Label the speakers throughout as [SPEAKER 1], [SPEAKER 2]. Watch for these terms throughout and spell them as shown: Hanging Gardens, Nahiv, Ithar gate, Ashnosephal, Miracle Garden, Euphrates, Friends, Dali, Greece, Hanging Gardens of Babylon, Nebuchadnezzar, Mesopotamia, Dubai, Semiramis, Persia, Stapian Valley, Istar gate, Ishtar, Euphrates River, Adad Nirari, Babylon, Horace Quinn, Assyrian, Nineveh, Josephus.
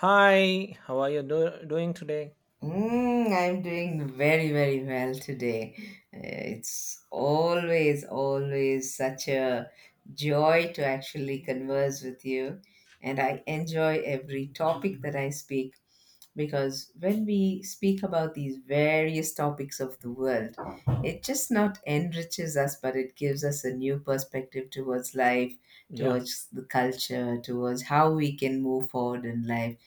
[SPEAKER 1] Hi, how are you doing today?
[SPEAKER 2] I'm doing very, very well today. It's always, always such a joy to actually converse with you. And I enjoy every topic that I speak because when we speak about these various topics of the world, it just not enriches us, but it gives us a new perspective towards life,
[SPEAKER 1] Yeah.
[SPEAKER 2] towards the culture, towards how we can move forward in life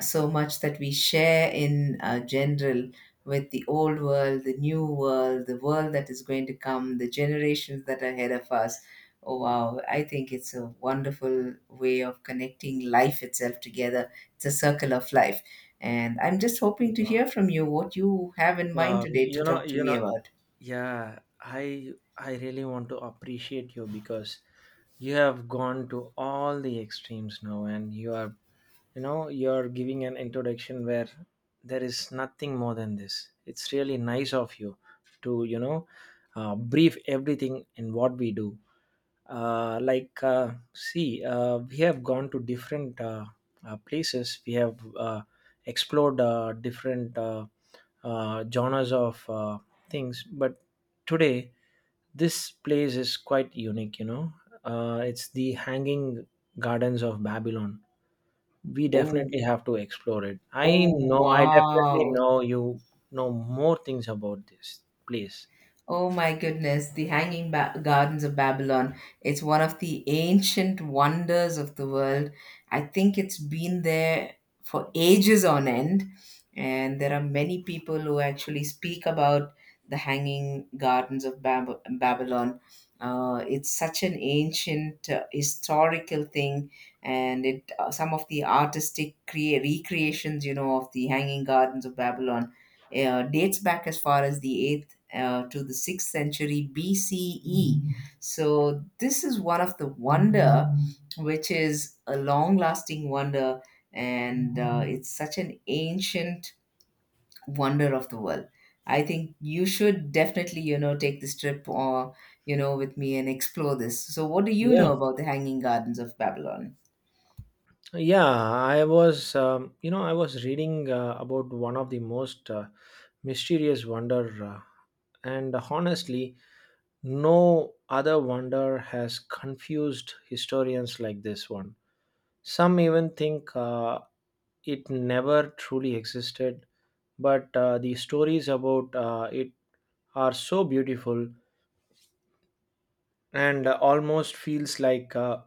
[SPEAKER 2] so much that we share in general with the old world, the new world, the world that is going to come, the generations that are ahead of us. Oh, wow. I think it's a wonderful way of connecting life itself together. It's a circle of life. And I'm just hoping to hear from you what you have in mind
[SPEAKER 1] Wow.
[SPEAKER 2] today to talk to me about.
[SPEAKER 1] Yeah. I. I really want to appreciate you because you have gone to all the extremes now, and you are you know you're giving an introduction where there is nothing more than this. It's really nice of you to brief everything in what we do. See, we have gone to different places. We have explored different genres of things, but today this place is quite unique, you know. It's the Hanging Gardens of Babylon. We
[SPEAKER 2] Oh,
[SPEAKER 1] definitely have to explore it.
[SPEAKER 2] oh,
[SPEAKER 1] I know, I definitely
[SPEAKER 2] wow.
[SPEAKER 1] know you know more things about this place.
[SPEAKER 2] Oh my goodness, the Gardens of Babylon. It's one of the ancient wonders of the world. I think it's been there for ages on end. And there are many people who actually speak about the Hanging Gardens of Babylon. It's such an ancient historical thing, and it some of the artistic recreations, you know, of the Hanging Gardens of Babylon dates back as far as the 8th to the 6th century BCE. So this is one of the wonder which is a long lasting wonder, and it's such an ancient wonder of the world. I think you should definitely, you know, take this trip or, you know, with me and explore this. So what do you
[SPEAKER 1] Yeah,
[SPEAKER 2] know about the Hanging Gardens of Babylon?
[SPEAKER 1] yeah, I was you know, I was reading about one of the most mysterious wonder, and honestly, no other wonder has confused historians like this one. Some even think it never truly existed, but the stories about it are so beautiful and almost feels like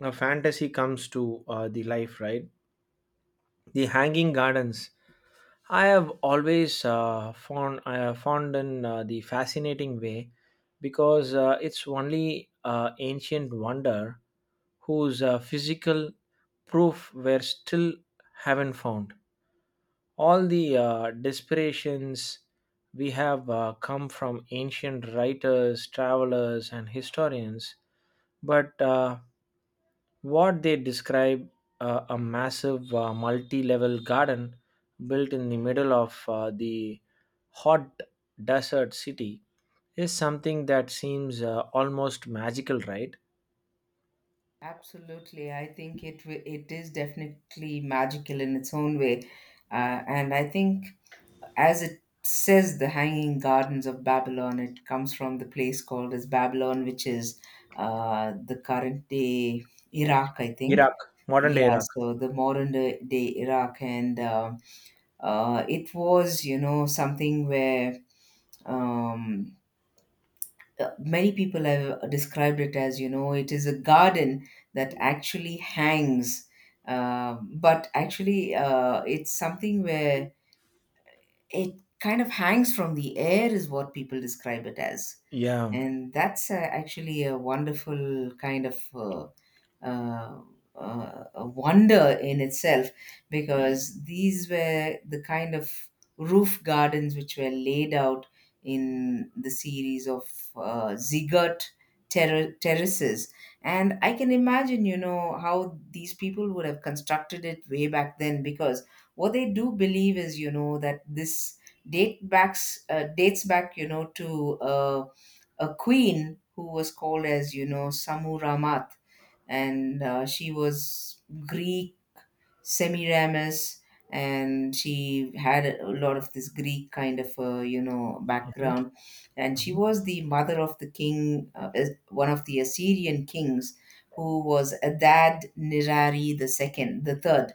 [SPEAKER 1] a fantasy comes to the life, right? The Hanging Gardens. I have found in the fascinating way because it's only ancient wonder whose physical proof were still haven't found. All the desperations we have come from ancient writers, travelers, and historians, but what they describe, a massive multi level garden built in the middle of the hot desert city is something that seems almost magical, right?
[SPEAKER 2] Absolutely. I think it it is definitely magical in its own way. And I think as it says, the Hanging Gardens of Babylon, it comes from the place called as Babylon, which is the current day Iraq, I think.
[SPEAKER 1] Iraq, modern day
[SPEAKER 2] Yeah,
[SPEAKER 1] Iraq.
[SPEAKER 2] so the modern day Iraq, and it was, you know, something where um, many people have described it as, you know, it is a garden that actually hangs, but it's something where it kind of hangs from the air, is what people describe it as.
[SPEAKER 1] Yeah.
[SPEAKER 2] And that's actually a wonderful kind of uh, a wonder in itself because these were the kind of roof gardens which were laid out in the series of ziggurat terraces. And I can imagine, you know, how these people would have constructed it way back then because what they do believe is, you know, that this dates back, you know, to a queen who was called as, you know, Samuramat, and she was Greek, Semiramis, and she had a lot of this Greek kind of you know background, and she
[SPEAKER 1] Mhm.
[SPEAKER 2] was the mother of the king, one of the Assyrian kings, who was Adad Nirari the third.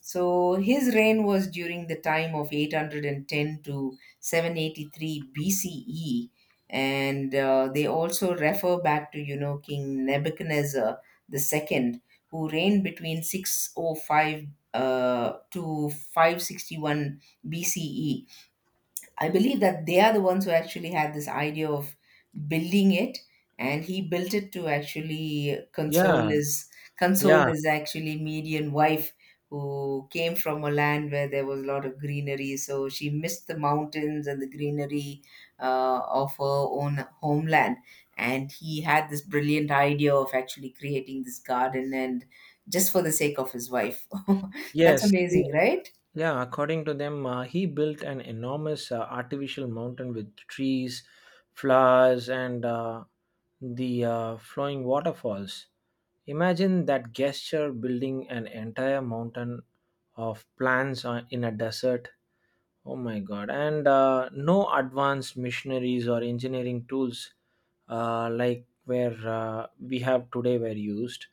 [SPEAKER 2] So his reign was during the time of 810 to 783 BCE, and they also refer back to, you know, King Nebuchadnezzar the second who reigned between 605 to 561 BCE. I believe that they are the ones who actually had this idea of building it, and he built it to actually
[SPEAKER 1] Yeah.
[SPEAKER 2] console
[SPEAKER 1] Yeah.
[SPEAKER 2] his actually Median wife who came from a land where there was a lot of greenery, so she missed the mountains and the greenery of her own homeland. And he had this brilliant idea of actually creating this garden and just for the sake of his wife. That's
[SPEAKER 1] Yes. He
[SPEAKER 2] amazing, right?
[SPEAKER 1] Yeah, according to them, he built an enormous artificial mountain with trees, flowers, and the flowing waterfalls. Imagine that gesture, building an entire mountain of plants in a desert. Oh my god. And no advanced missionaries or engineering tools, like where we have today, were used.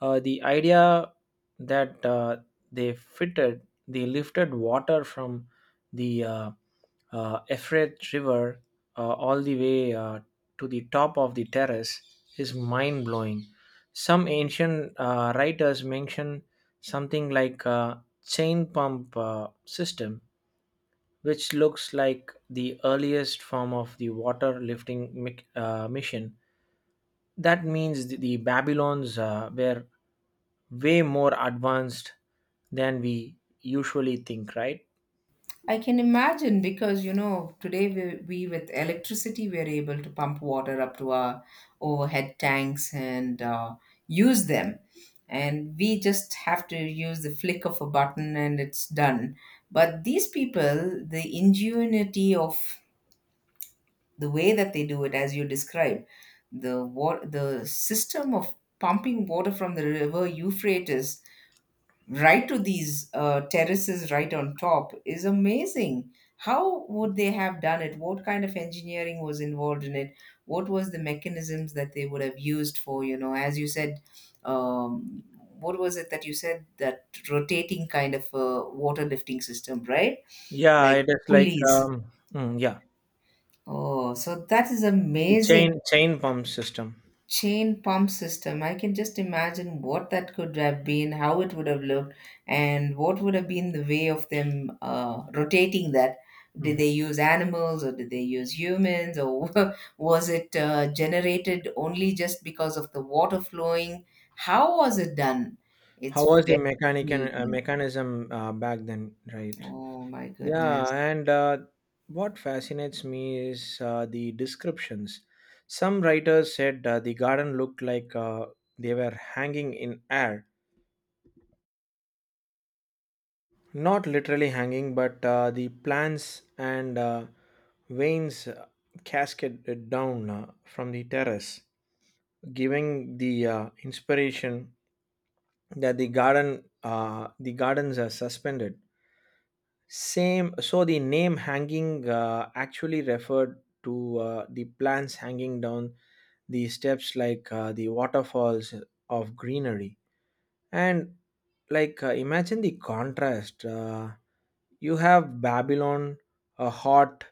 [SPEAKER 1] The idea that they fitted, they lifted water from the Euphrates River all the way to the top of the terrace is mind blowing. Some ancient writers mention something like a chain pump system, which looks like the earliest form of the water lifting mission. That means the Babylons were way more advanced than we usually think, right?
[SPEAKER 2] I can imagine because you know today we with electricity we are able to pump water up to our overhead tanks and use them, and we just have to use the flick of a button and it's done. But these people, the ingenuity of the way that they do it, as you describe, the water, the system of pumping water from the river Euphrates right to these terraces right on top is amazing. How would they have done it? What kind of engineering was involved in it? What was the mechanisms that they would have used for, you know, as you said, um, what was it that you said, that rotating kind of a water lifting system, right?
[SPEAKER 1] Yeah, it
[SPEAKER 2] Like
[SPEAKER 1] is like
[SPEAKER 2] pulleys.
[SPEAKER 1] mm, yeah,
[SPEAKER 2] Oh, so that is
[SPEAKER 1] the
[SPEAKER 2] amazing.
[SPEAKER 1] chain pump system.
[SPEAKER 2] Chain pump system. I can just imagine what that could have been, how it would have looked, and what would have been the way of them rotating that. Did they
[SPEAKER 1] Mhm.
[SPEAKER 2] use animals or did they use humans or was it generated only just because of the water flowing? How was it done?
[SPEAKER 1] How
[SPEAKER 2] It's
[SPEAKER 1] was the
[SPEAKER 2] very
[SPEAKER 1] mechanic
[SPEAKER 2] intriguing.
[SPEAKER 1] mechanism back then, right?
[SPEAKER 2] Oh my
[SPEAKER 1] Yeah,
[SPEAKER 2] goodness.
[SPEAKER 1] and what fascinates me is the descriptions. Some writers said the garden looked like they were hanging in air, not literally hanging, but the plants and veins cascaded down from the terrace, giving the inspiration that the gardens are suspended. Same, so the name hanging actually referred to the plants hanging down the steps like the waterfalls of greenery. And, imagine the contrast. You have Babylon, a hot,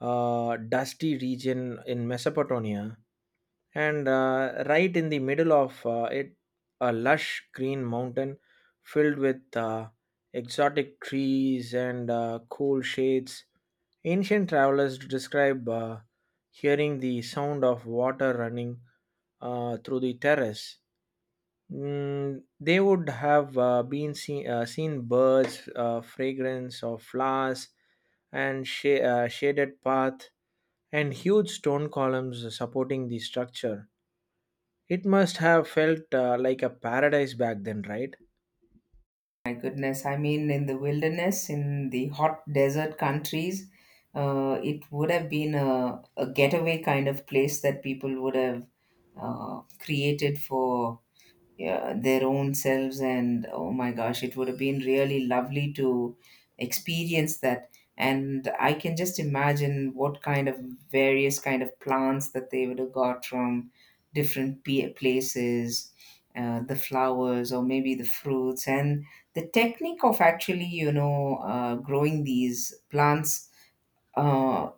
[SPEAKER 1] dusty region in Mesopotamia, and right in the middle of it, a lush green mountain filled with exotic trees and cool shades. Ancient travelers describe hearing the sound of water running through the terrace. They would have seen birds, fragrance of flowers, and shaded path, and huge stone columns supporting the structure. It must have felt like a paradise back then, right?
[SPEAKER 2] My goodness, I mean, in the wilderness, in the hot desert countries, it would have been a getaway kind of place that people would have created for yeah, their own selves, and oh my gosh, it would have been really lovely to experience that. And I can just imagine what kind of various kind of plants that they would have got from different places, the flowers or maybe the fruits, and the technique of actually, you know, growing these plants uh,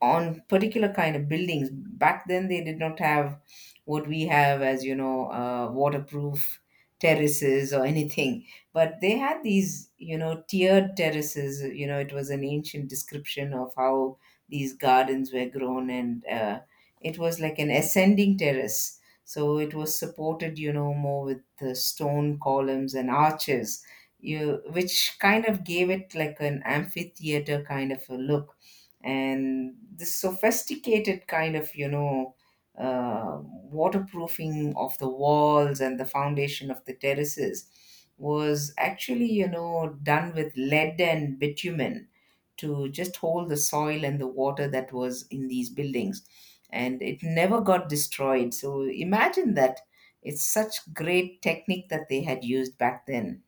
[SPEAKER 2] on particular kind of buildings back then. They did not have what we have as, you know, waterproof terraces or anything, but they had these, you know, tiered terraces. You know, it was an ancient description of how these gardens were grown, and it was like an ascending terrace, so it was supported, you know, more with the stone columns and arches, you which kind of gave it like an amphitheater kind of a look. And this sophisticated kind of, you know, waterproofing of the walls and the foundation of the terraces was actually, you know, done with lead and bitumen to just hold the soil and the water that was in these buildings, and it never got destroyed. So imagine that. It's such great technique that they had used back then.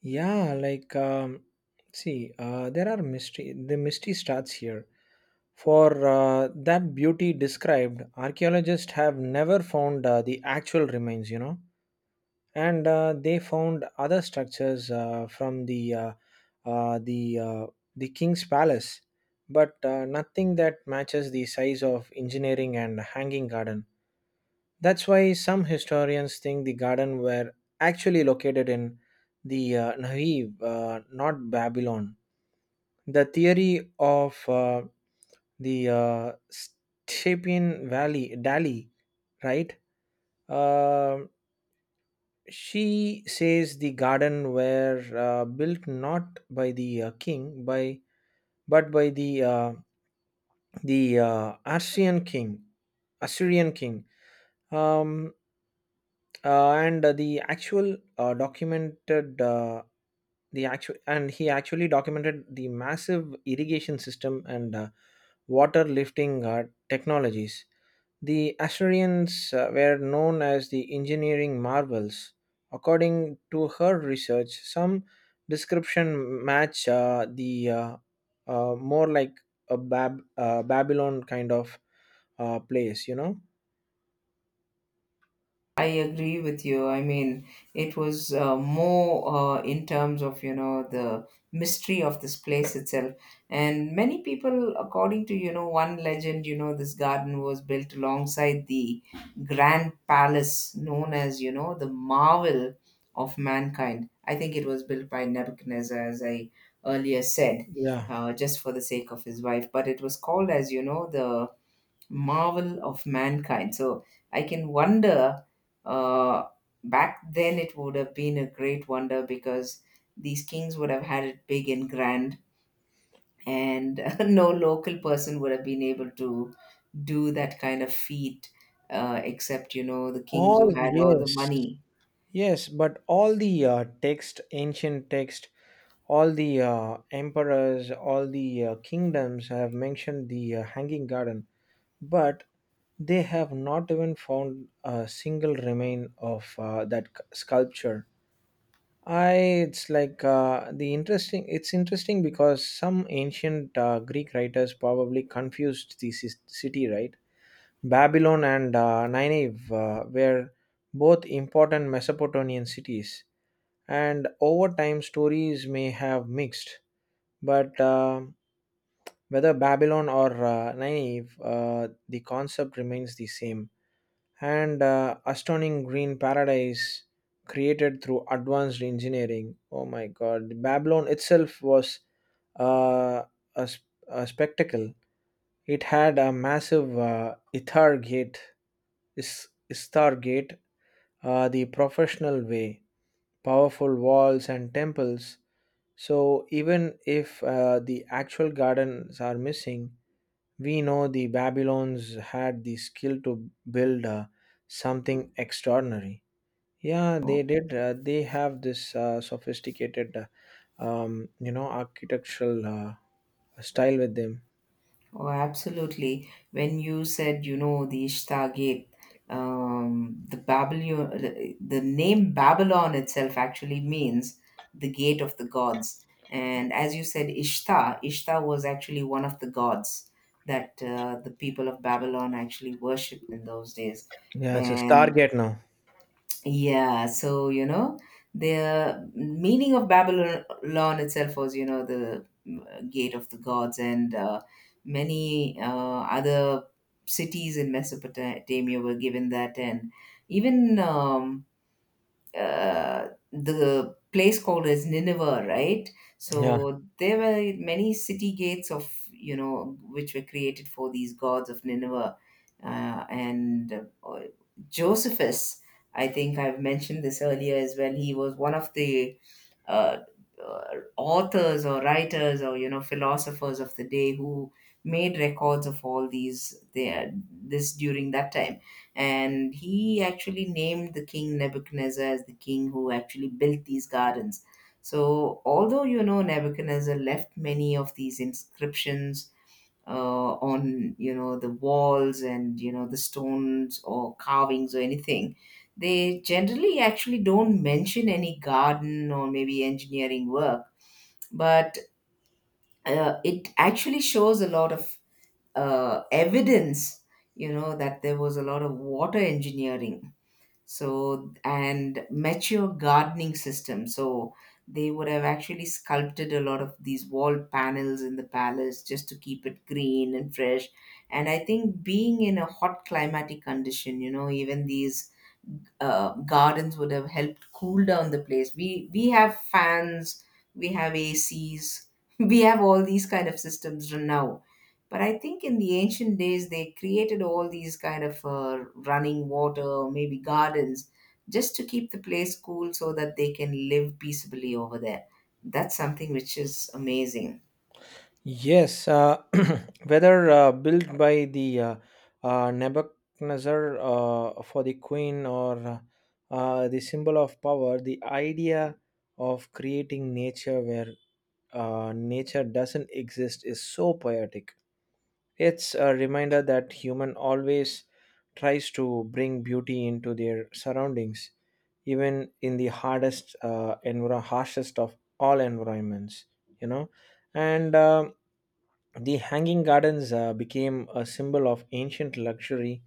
[SPEAKER 1] Yeah, like see, there are mystery. The mystery starts here. For that beauty described, archaeologists have never found the actual remains. You know. And they found other structures from the uh, the uh, the king's palace, but nothing that matches the size of engineering and hanging garden. That's why some historians think the garden were actually located in the Nahiv, not Babylon. The theory of the Stapian Valley, Dali, right? Uh, She says the garden were built not by the king, by but by the the uh, Assyrian king, Assyrian king, um, and the actual and he actually documented the massive irrigation system and water lifting technologies. The Assyrians were known as the engineering marvels. According to her research, some description match the more like a Babylon kind of place, you know?
[SPEAKER 2] I agree with you. I mean, it was more in terms of, you know, the mystery of this place itself. And many people, according to, you know, one legend, you know, this garden was built alongside the grand palace known as, you know, the marvel of mankind. I think it was built by Nebuchadnezzar, as I earlier said,
[SPEAKER 1] Yeah.
[SPEAKER 2] just for the sake of his wife. But it was called as, you know, the marvel of mankind. So I can wonder, uh, back then it would have been a great wonder because these kings would have had it big and grand, and no local person would have been able to do that kind of feat, except, you know, the kings who
[SPEAKER 1] All,
[SPEAKER 2] had all the
[SPEAKER 1] yes.
[SPEAKER 2] money.
[SPEAKER 1] Yes, but all the text, ancient text, all the emperors, all the kingdoms have mentioned the Hanging Garden, but they have not even found a single remain of that sculpture. I it's like the interesting It's interesting because some ancient Greek writers probably confused the city, right? Babylon and Nineveh were both important Mesopotamian cities, and over time stories may have mixed. But whether Babylon or Nineveh, the concept remains the same, and astonishing green paradise created through advanced engineering. Oh my God! Babylon itself was uh, a spectacle. It had a massive Istar gate, the professional way, powerful walls and temples. So even if the actual gardens are missing, we know the Babylons had the skill to build something extraordinary. Yeah, they did. They have this sophisticated, you know, architectural style with them.
[SPEAKER 2] Oh, absolutely. When you said, you know, the Ishtar Gate, the Babylon, the name Babylon itself actually means the gate of the gods. And as you said, Ishtar, Ishtar was actually one of the gods that the people of Babylon actually worshipped in those days.
[SPEAKER 1] Yeah, it's a
[SPEAKER 2] And.
[SPEAKER 1] Stargate now.
[SPEAKER 2] Yeah, so you know, the meaning of Babylon itself was, you know, the gate of the gods, and many other cities in Mesopotamia were given that, and even the place called as Nineveh, right?
[SPEAKER 1] Yeah.
[SPEAKER 2] So there were many city gates of, you know, which were created for these gods of Nineveh, uh, and uh, Josephus. I think I've mentioned this earlier as well. He was one of the uh, uh, authors or writers or, you know, philosophers of the day who made records of all these there this during that time, and he actually named the king Nebuchadnezzar as the king who actually built these gardens. So, although you know Nebuchadnezzar left many of these inscriptions on, you know, the walls and, you know, the stones or carvings or anything, they generally actually don't mention any garden or maybe engineering work. But it actually shows a lot of evidence, you know, that there was a lot of water engineering, so and mature gardening system. So they would have actually sculpted a lot of these wall panels in the palace just to keep it green and fresh. And I think being in a hot climatic condition, you know, even these gardens would have helped cool down the place. We have fans, we have ACs, we have all these kind of systems now, but I think in the ancient days they created all these kind of running water maybe gardens just to keep the place cool so that they can live peaceably over there. That's something which is amazing.
[SPEAKER 1] Yes. Whether built by the Nebuchadnezzar for the queen or the symbol of power, the idea of creating nature where nature doesn't exist is so poetic. It's a reminder that human always tries to bring beauty into their surroundings, even in the enviro- harshest of all environments. You know, and the hanging gardens became a symbol of ancient luxury,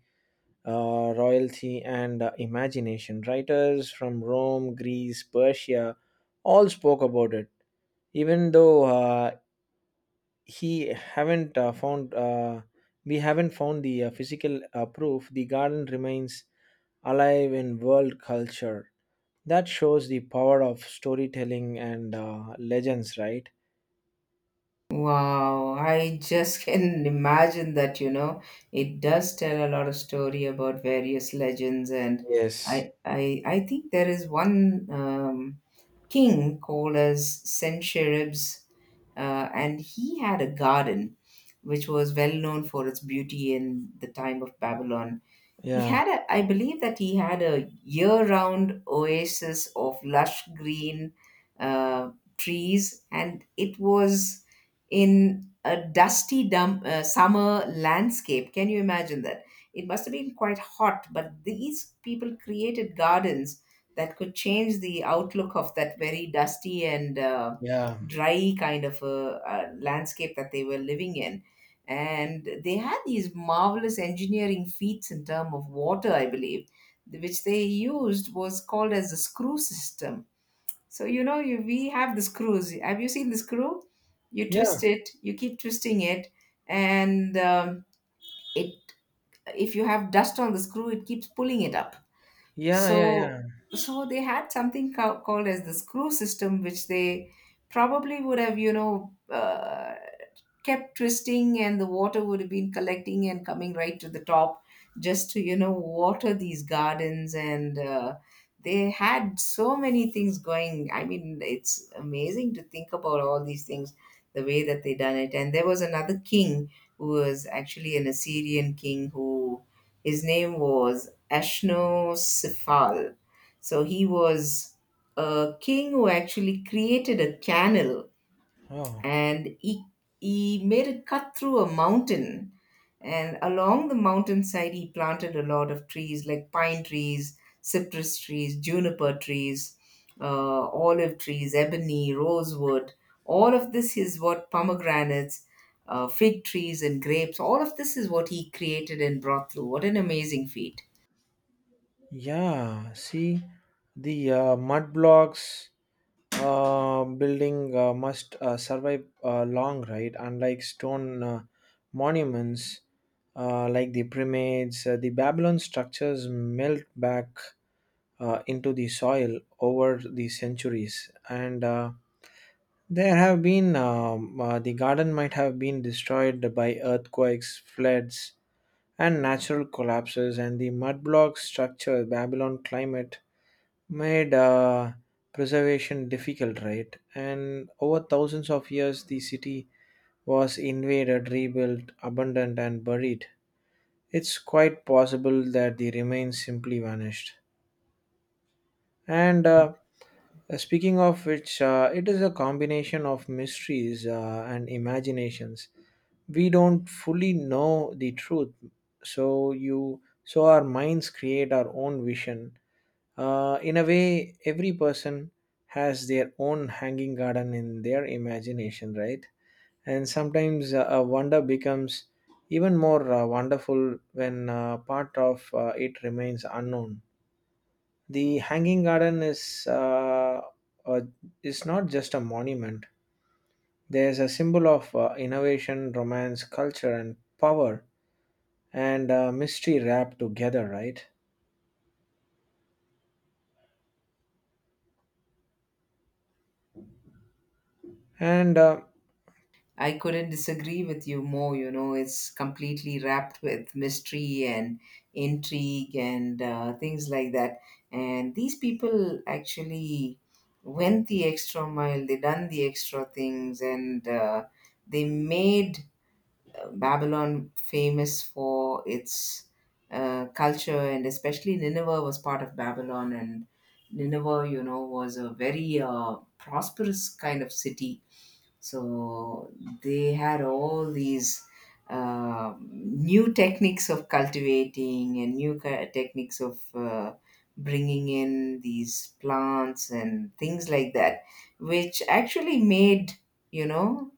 [SPEAKER 1] royalty, and imagination. Writers from Rome, Greece, Persia, all spoke about it. Even though he haven't found we haven't found the physical proof, the garden remains alive in world culture. That shows the power of storytelling and legends, right?
[SPEAKER 2] Wow, I just can imagine that, you know, it does tell a lot of story about various legends. And
[SPEAKER 1] Yes.
[SPEAKER 2] I think there is one um, king called as Sennacherib's, and he had a garden which was well known for its beauty in the time of Babylon. He
[SPEAKER 1] Yeah,
[SPEAKER 2] had a, I believe that he had a year-round oasis of lush green uh, trees, and it was in a dusty dump, summer landscape. Can you imagine that? It must have been quite hot, but these people created gardens that could change the outlook of that very dusty and
[SPEAKER 1] yeah,
[SPEAKER 2] dry kind of a, landscape that they were living in. And they had these marvelous engineering feats in terms of water, I believe, which they used, was called as the screw system. So you know we have the screws. Have you seen the screw? You
[SPEAKER 1] yeah,
[SPEAKER 2] twist it, you keep twisting it. And it, if you have dust on the screw, it keeps pulling it up.
[SPEAKER 1] yeah, yeah,
[SPEAKER 2] so
[SPEAKER 1] yeah.
[SPEAKER 2] so they had something called as the screw system, which they probably would have, kept twisting, and the water would have been collecting and coming right to the top, just to water these gardens. And they had so many things going. I mean, it's amazing to think about all these things, the way that they done it. And there was another king who was actually an Assyrian king, who, his name was Ashnosephal. So he was a king who actually created a canal.
[SPEAKER 1] Oh.
[SPEAKER 2] And he made a cut through a mountain, and along the mountainside he planted a lot of trees like pine trees, cypress trees, juniper trees, olive trees, ebony, rosewood, all of this is what, pomegranates, fig trees and grapes, all of this is what he created and brought through. What an amazing feat!
[SPEAKER 1] Yeah, see, the mud blocks building must survive long, right? Unlike stone monuments, like the pyramids, the Babylon structures melt back into the soil over the centuries, and the garden might have been destroyed by earthquakes, floods, and natural collapses, and the mud-block structure Babylon climate made preservation difficult, right? And over thousands of years the city was invaded, rebuilt, abandoned, and buried. It's quite possible that the remains simply vanished. And speaking of which, it is a combination of mysteries and imaginations. We don't fully know the truth, so you so our minds create our own vision. In a way, every person has their own hanging garden in their imagination, right? And sometimes a wonder becomes even more wonderful when part of it remains unknown. The hanging garden uh, is not just a monument. There's a symbol of innovation, romance, culture, and power, and mystery rap together, right? And
[SPEAKER 2] I couldn't disagree with you more. You know, it's completely wrapped with mystery and intrigue and things like that. And these people actually went the extra mile, they done the extra things, and they made Babylon famous for its culture. And especially Nineveh was part of Babylon. And Nineveh, you know, was a very prosperous kind of city. So they had all these new techniques of cultivating, and new techniques of bringing in these plants and things like that, which actually made, you know,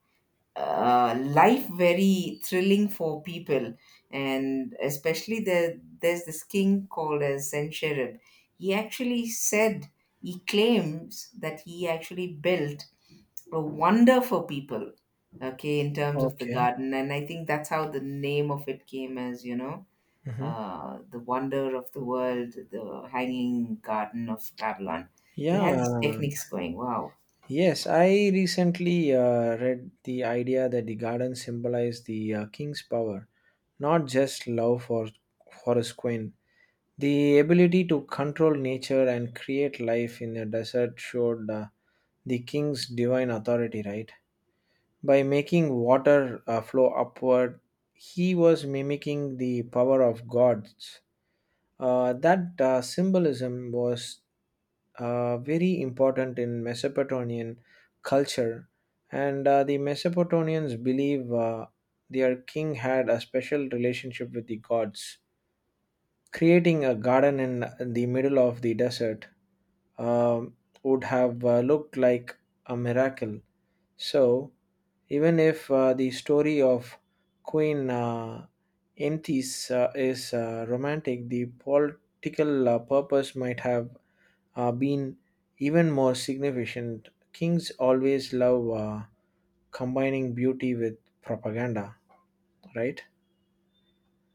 [SPEAKER 2] life very thrilling for people. And especially there's this king called as Sennacherib. He actually said, he claims that he actually built a wonder for people, okay, in terms of the
[SPEAKER 1] Okay.
[SPEAKER 2] garden. And I think that's how the name of it came, as you know,
[SPEAKER 1] Hmm.
[SPEAKER 2] the wonder of the world, the hanging garden of Babylon. They had these
[SPEAKER 1] Yeah,
[SPEAKER 2] techniques going. Wow.
[SPEAKER 1] yes, I recently read the idea that the garden symbolized the king's power, not just love for Horace Quinn. The ability to control nature and create life in the desert showed the king's divine authority, right? By making water flow upward, he was mimicking the power of gods. That Symbolism was very important in Mesopotamian culture, and the Mesopotamians believe their king had a special relationship with the gods. Creating a garden in the middle of the desert um would have looked like a miracle. So, even if the story of Queen Antis is romantic, the political purpose might have been even more significant. Kings always love combining beauty with propaganda, right?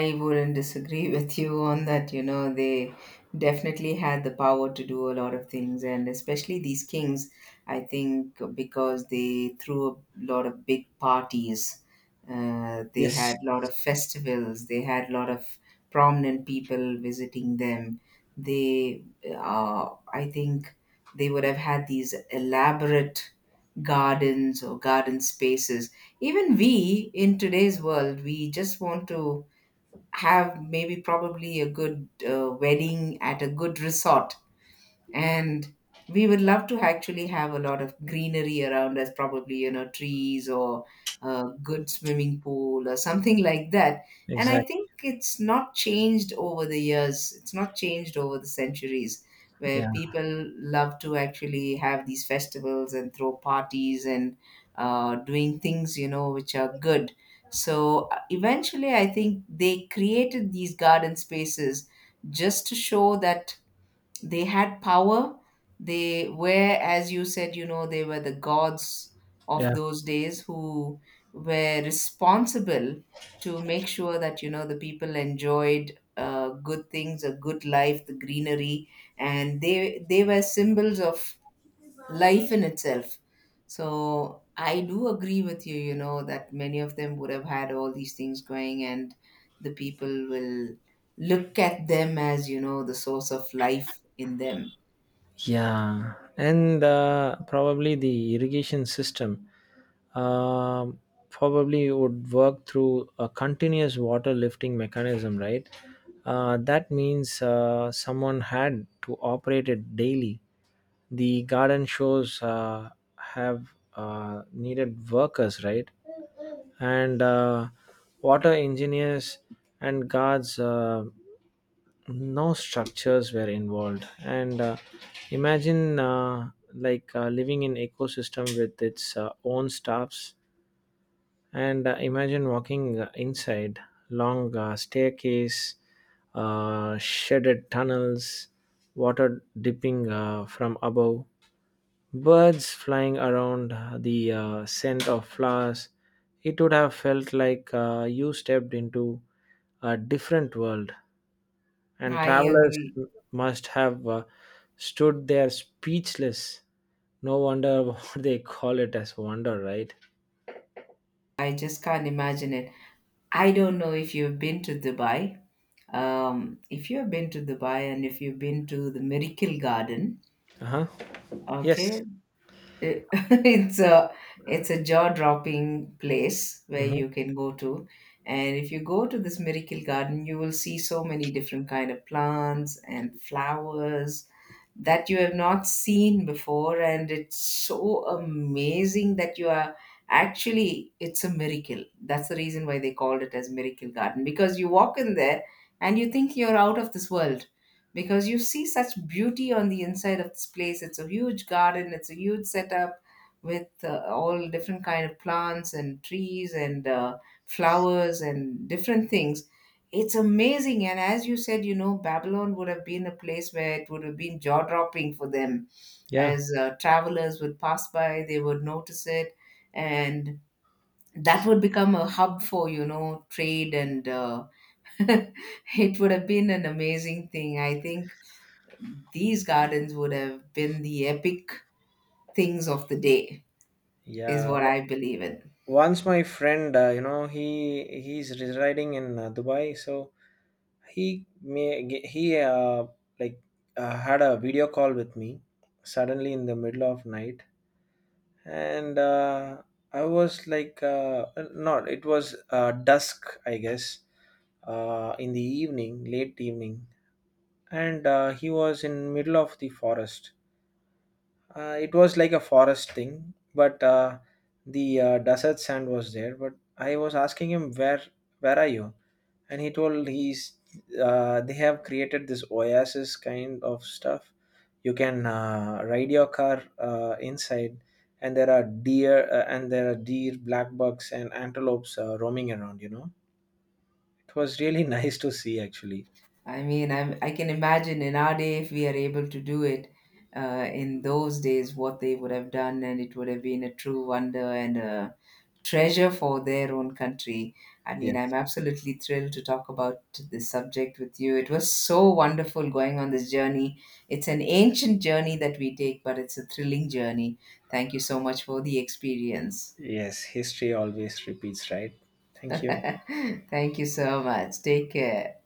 [SPEAKER 2] I wouldn't disagree with you on that. You know, they definitely had the power to do a lot of things, and especially these kings, I think, because they threw a lot of big parties. They had
[SPEAKER 1] Yes,
[SPEAKER 2] a lot of festivals. They had a lot of prominent people visiting them. They, I think, they would have had these elaborate gardens or garden spaces. Even we in today's world, we just want to have, maybe probably, a good wedding at a good resort, and we would love to actually have a lot of greenery around us, probably, you know, trees or a good swimming pool or something like that. And I
[SPEAKER 1] exactly.
[SPEAKER 2] think it's not changed over the years, it's not changed over the centuries, where
[SPEAKER 1] Yeah,
[SPEAKER 2] people love to actually have these festivals and throw parties and doing things, you know, which are good. So eventually I think they created these garden spaces just to show that they had power. They were, as you said, you know, they were the gods of
[SPEAKER 1] yeah.
[SPEAKER 2] those days, who were responsible to make sure that, you know, the people enjoyed good things, a good life, the greenery. And they were symbols of life in itself. So I do agree with you, you know, that many of them would have had all these things going, and the people will look at them as, you know, the source of life in them.
[SPEAKER 1] Yeah, and probably the irrigation system um probably would work through a continuous water lifting mechanism, right? That means someone had to operate it daily. The garden shows have needed workers, right? And water engineers and guards. No structures were involved, and imagine, like living in ecosystem with its own staffs, and imagine walking inside long staircase, shaded tunnels, water dipping from above, birds flying around, the scent of flowers. It would have felt like you stepped into a different world, and
[SPEAKER 2] I
[SPEAKER 1] travelers
[SPEAKER 2] agree.
[SPEAKER 1] must have stood there speechless. No wonder what they call it as wonder, right?
[SPEAKER 2] I just can't imagine it. I don't know if you've been to Dubai. If you've been to Dubai and if you've been to the Miracle Garden,
[SPEAKER 1] Uh huh. Yes.
[SPEAKER 2] okay, it's a, it's a jaw-dropping place where
[SPEAKER 1] Mm-hmm.
[SPEAKER 2] you can go to. And if you go to this miracle garden, you will see so many different kind of plants and flowers that you have not seen before, and it's so amazing that you are, actually it's a miracle, that's the reason why they called it as miracle garden, because you walk in there and you think you're out of this world, because you see such beauty on the inside of this place. It's a huge garden, it's a huge setup with all different kind of plants and trees and flowers and different things. It's amazing. And as you said, you know, Babylon would have been a place where it would have been jaw dropping for them.
[SPEAKER 1] Yeah.
[SPEAKER 2] As travelers would pass by, they would notice it. And that would become a hub for, you know, trade. And it would have been an amazing thing. I think these gardens would have been the epic things of the day, is
[SPEAKER 1] Yeah.
[SPEAKER 2] what I believe in.
[SPEAKER 1] Once my friend, you know, he's residing in Dubai, so he may he like had a video call with me suddenly in the middle of night, and I was like, not it was dusk, I guess, in the evening, late evening, and he was in middle of the forest. It was like a forest thing, but the desert sand was there. But I was asking him where are you, and he told he's, they have created this oasis kind of stuff. You can ride your car inside, and there are deer, black bucks, and antelopes roaming around. You know, it was really nice to see actually.
[SPEAKER 2] I can imagine, in our day, if we are able to do it, in those days, what they would have done, and it would have been a true wonder and a treasure for their own country. I mean, I'm
[SPEAKER 1] Yes.
[SPEAKER 2] absolutely thrilled to talk about this subject with you. It was so wonderful going on this journey. It's an ancient journey that we take, but it's a thrilling journey. Thank you so much for the experience.
[SPEAKER 1] Yes, history always repeats, right? Thank you.
[SPEAKER 2] Thank you so much. Take care.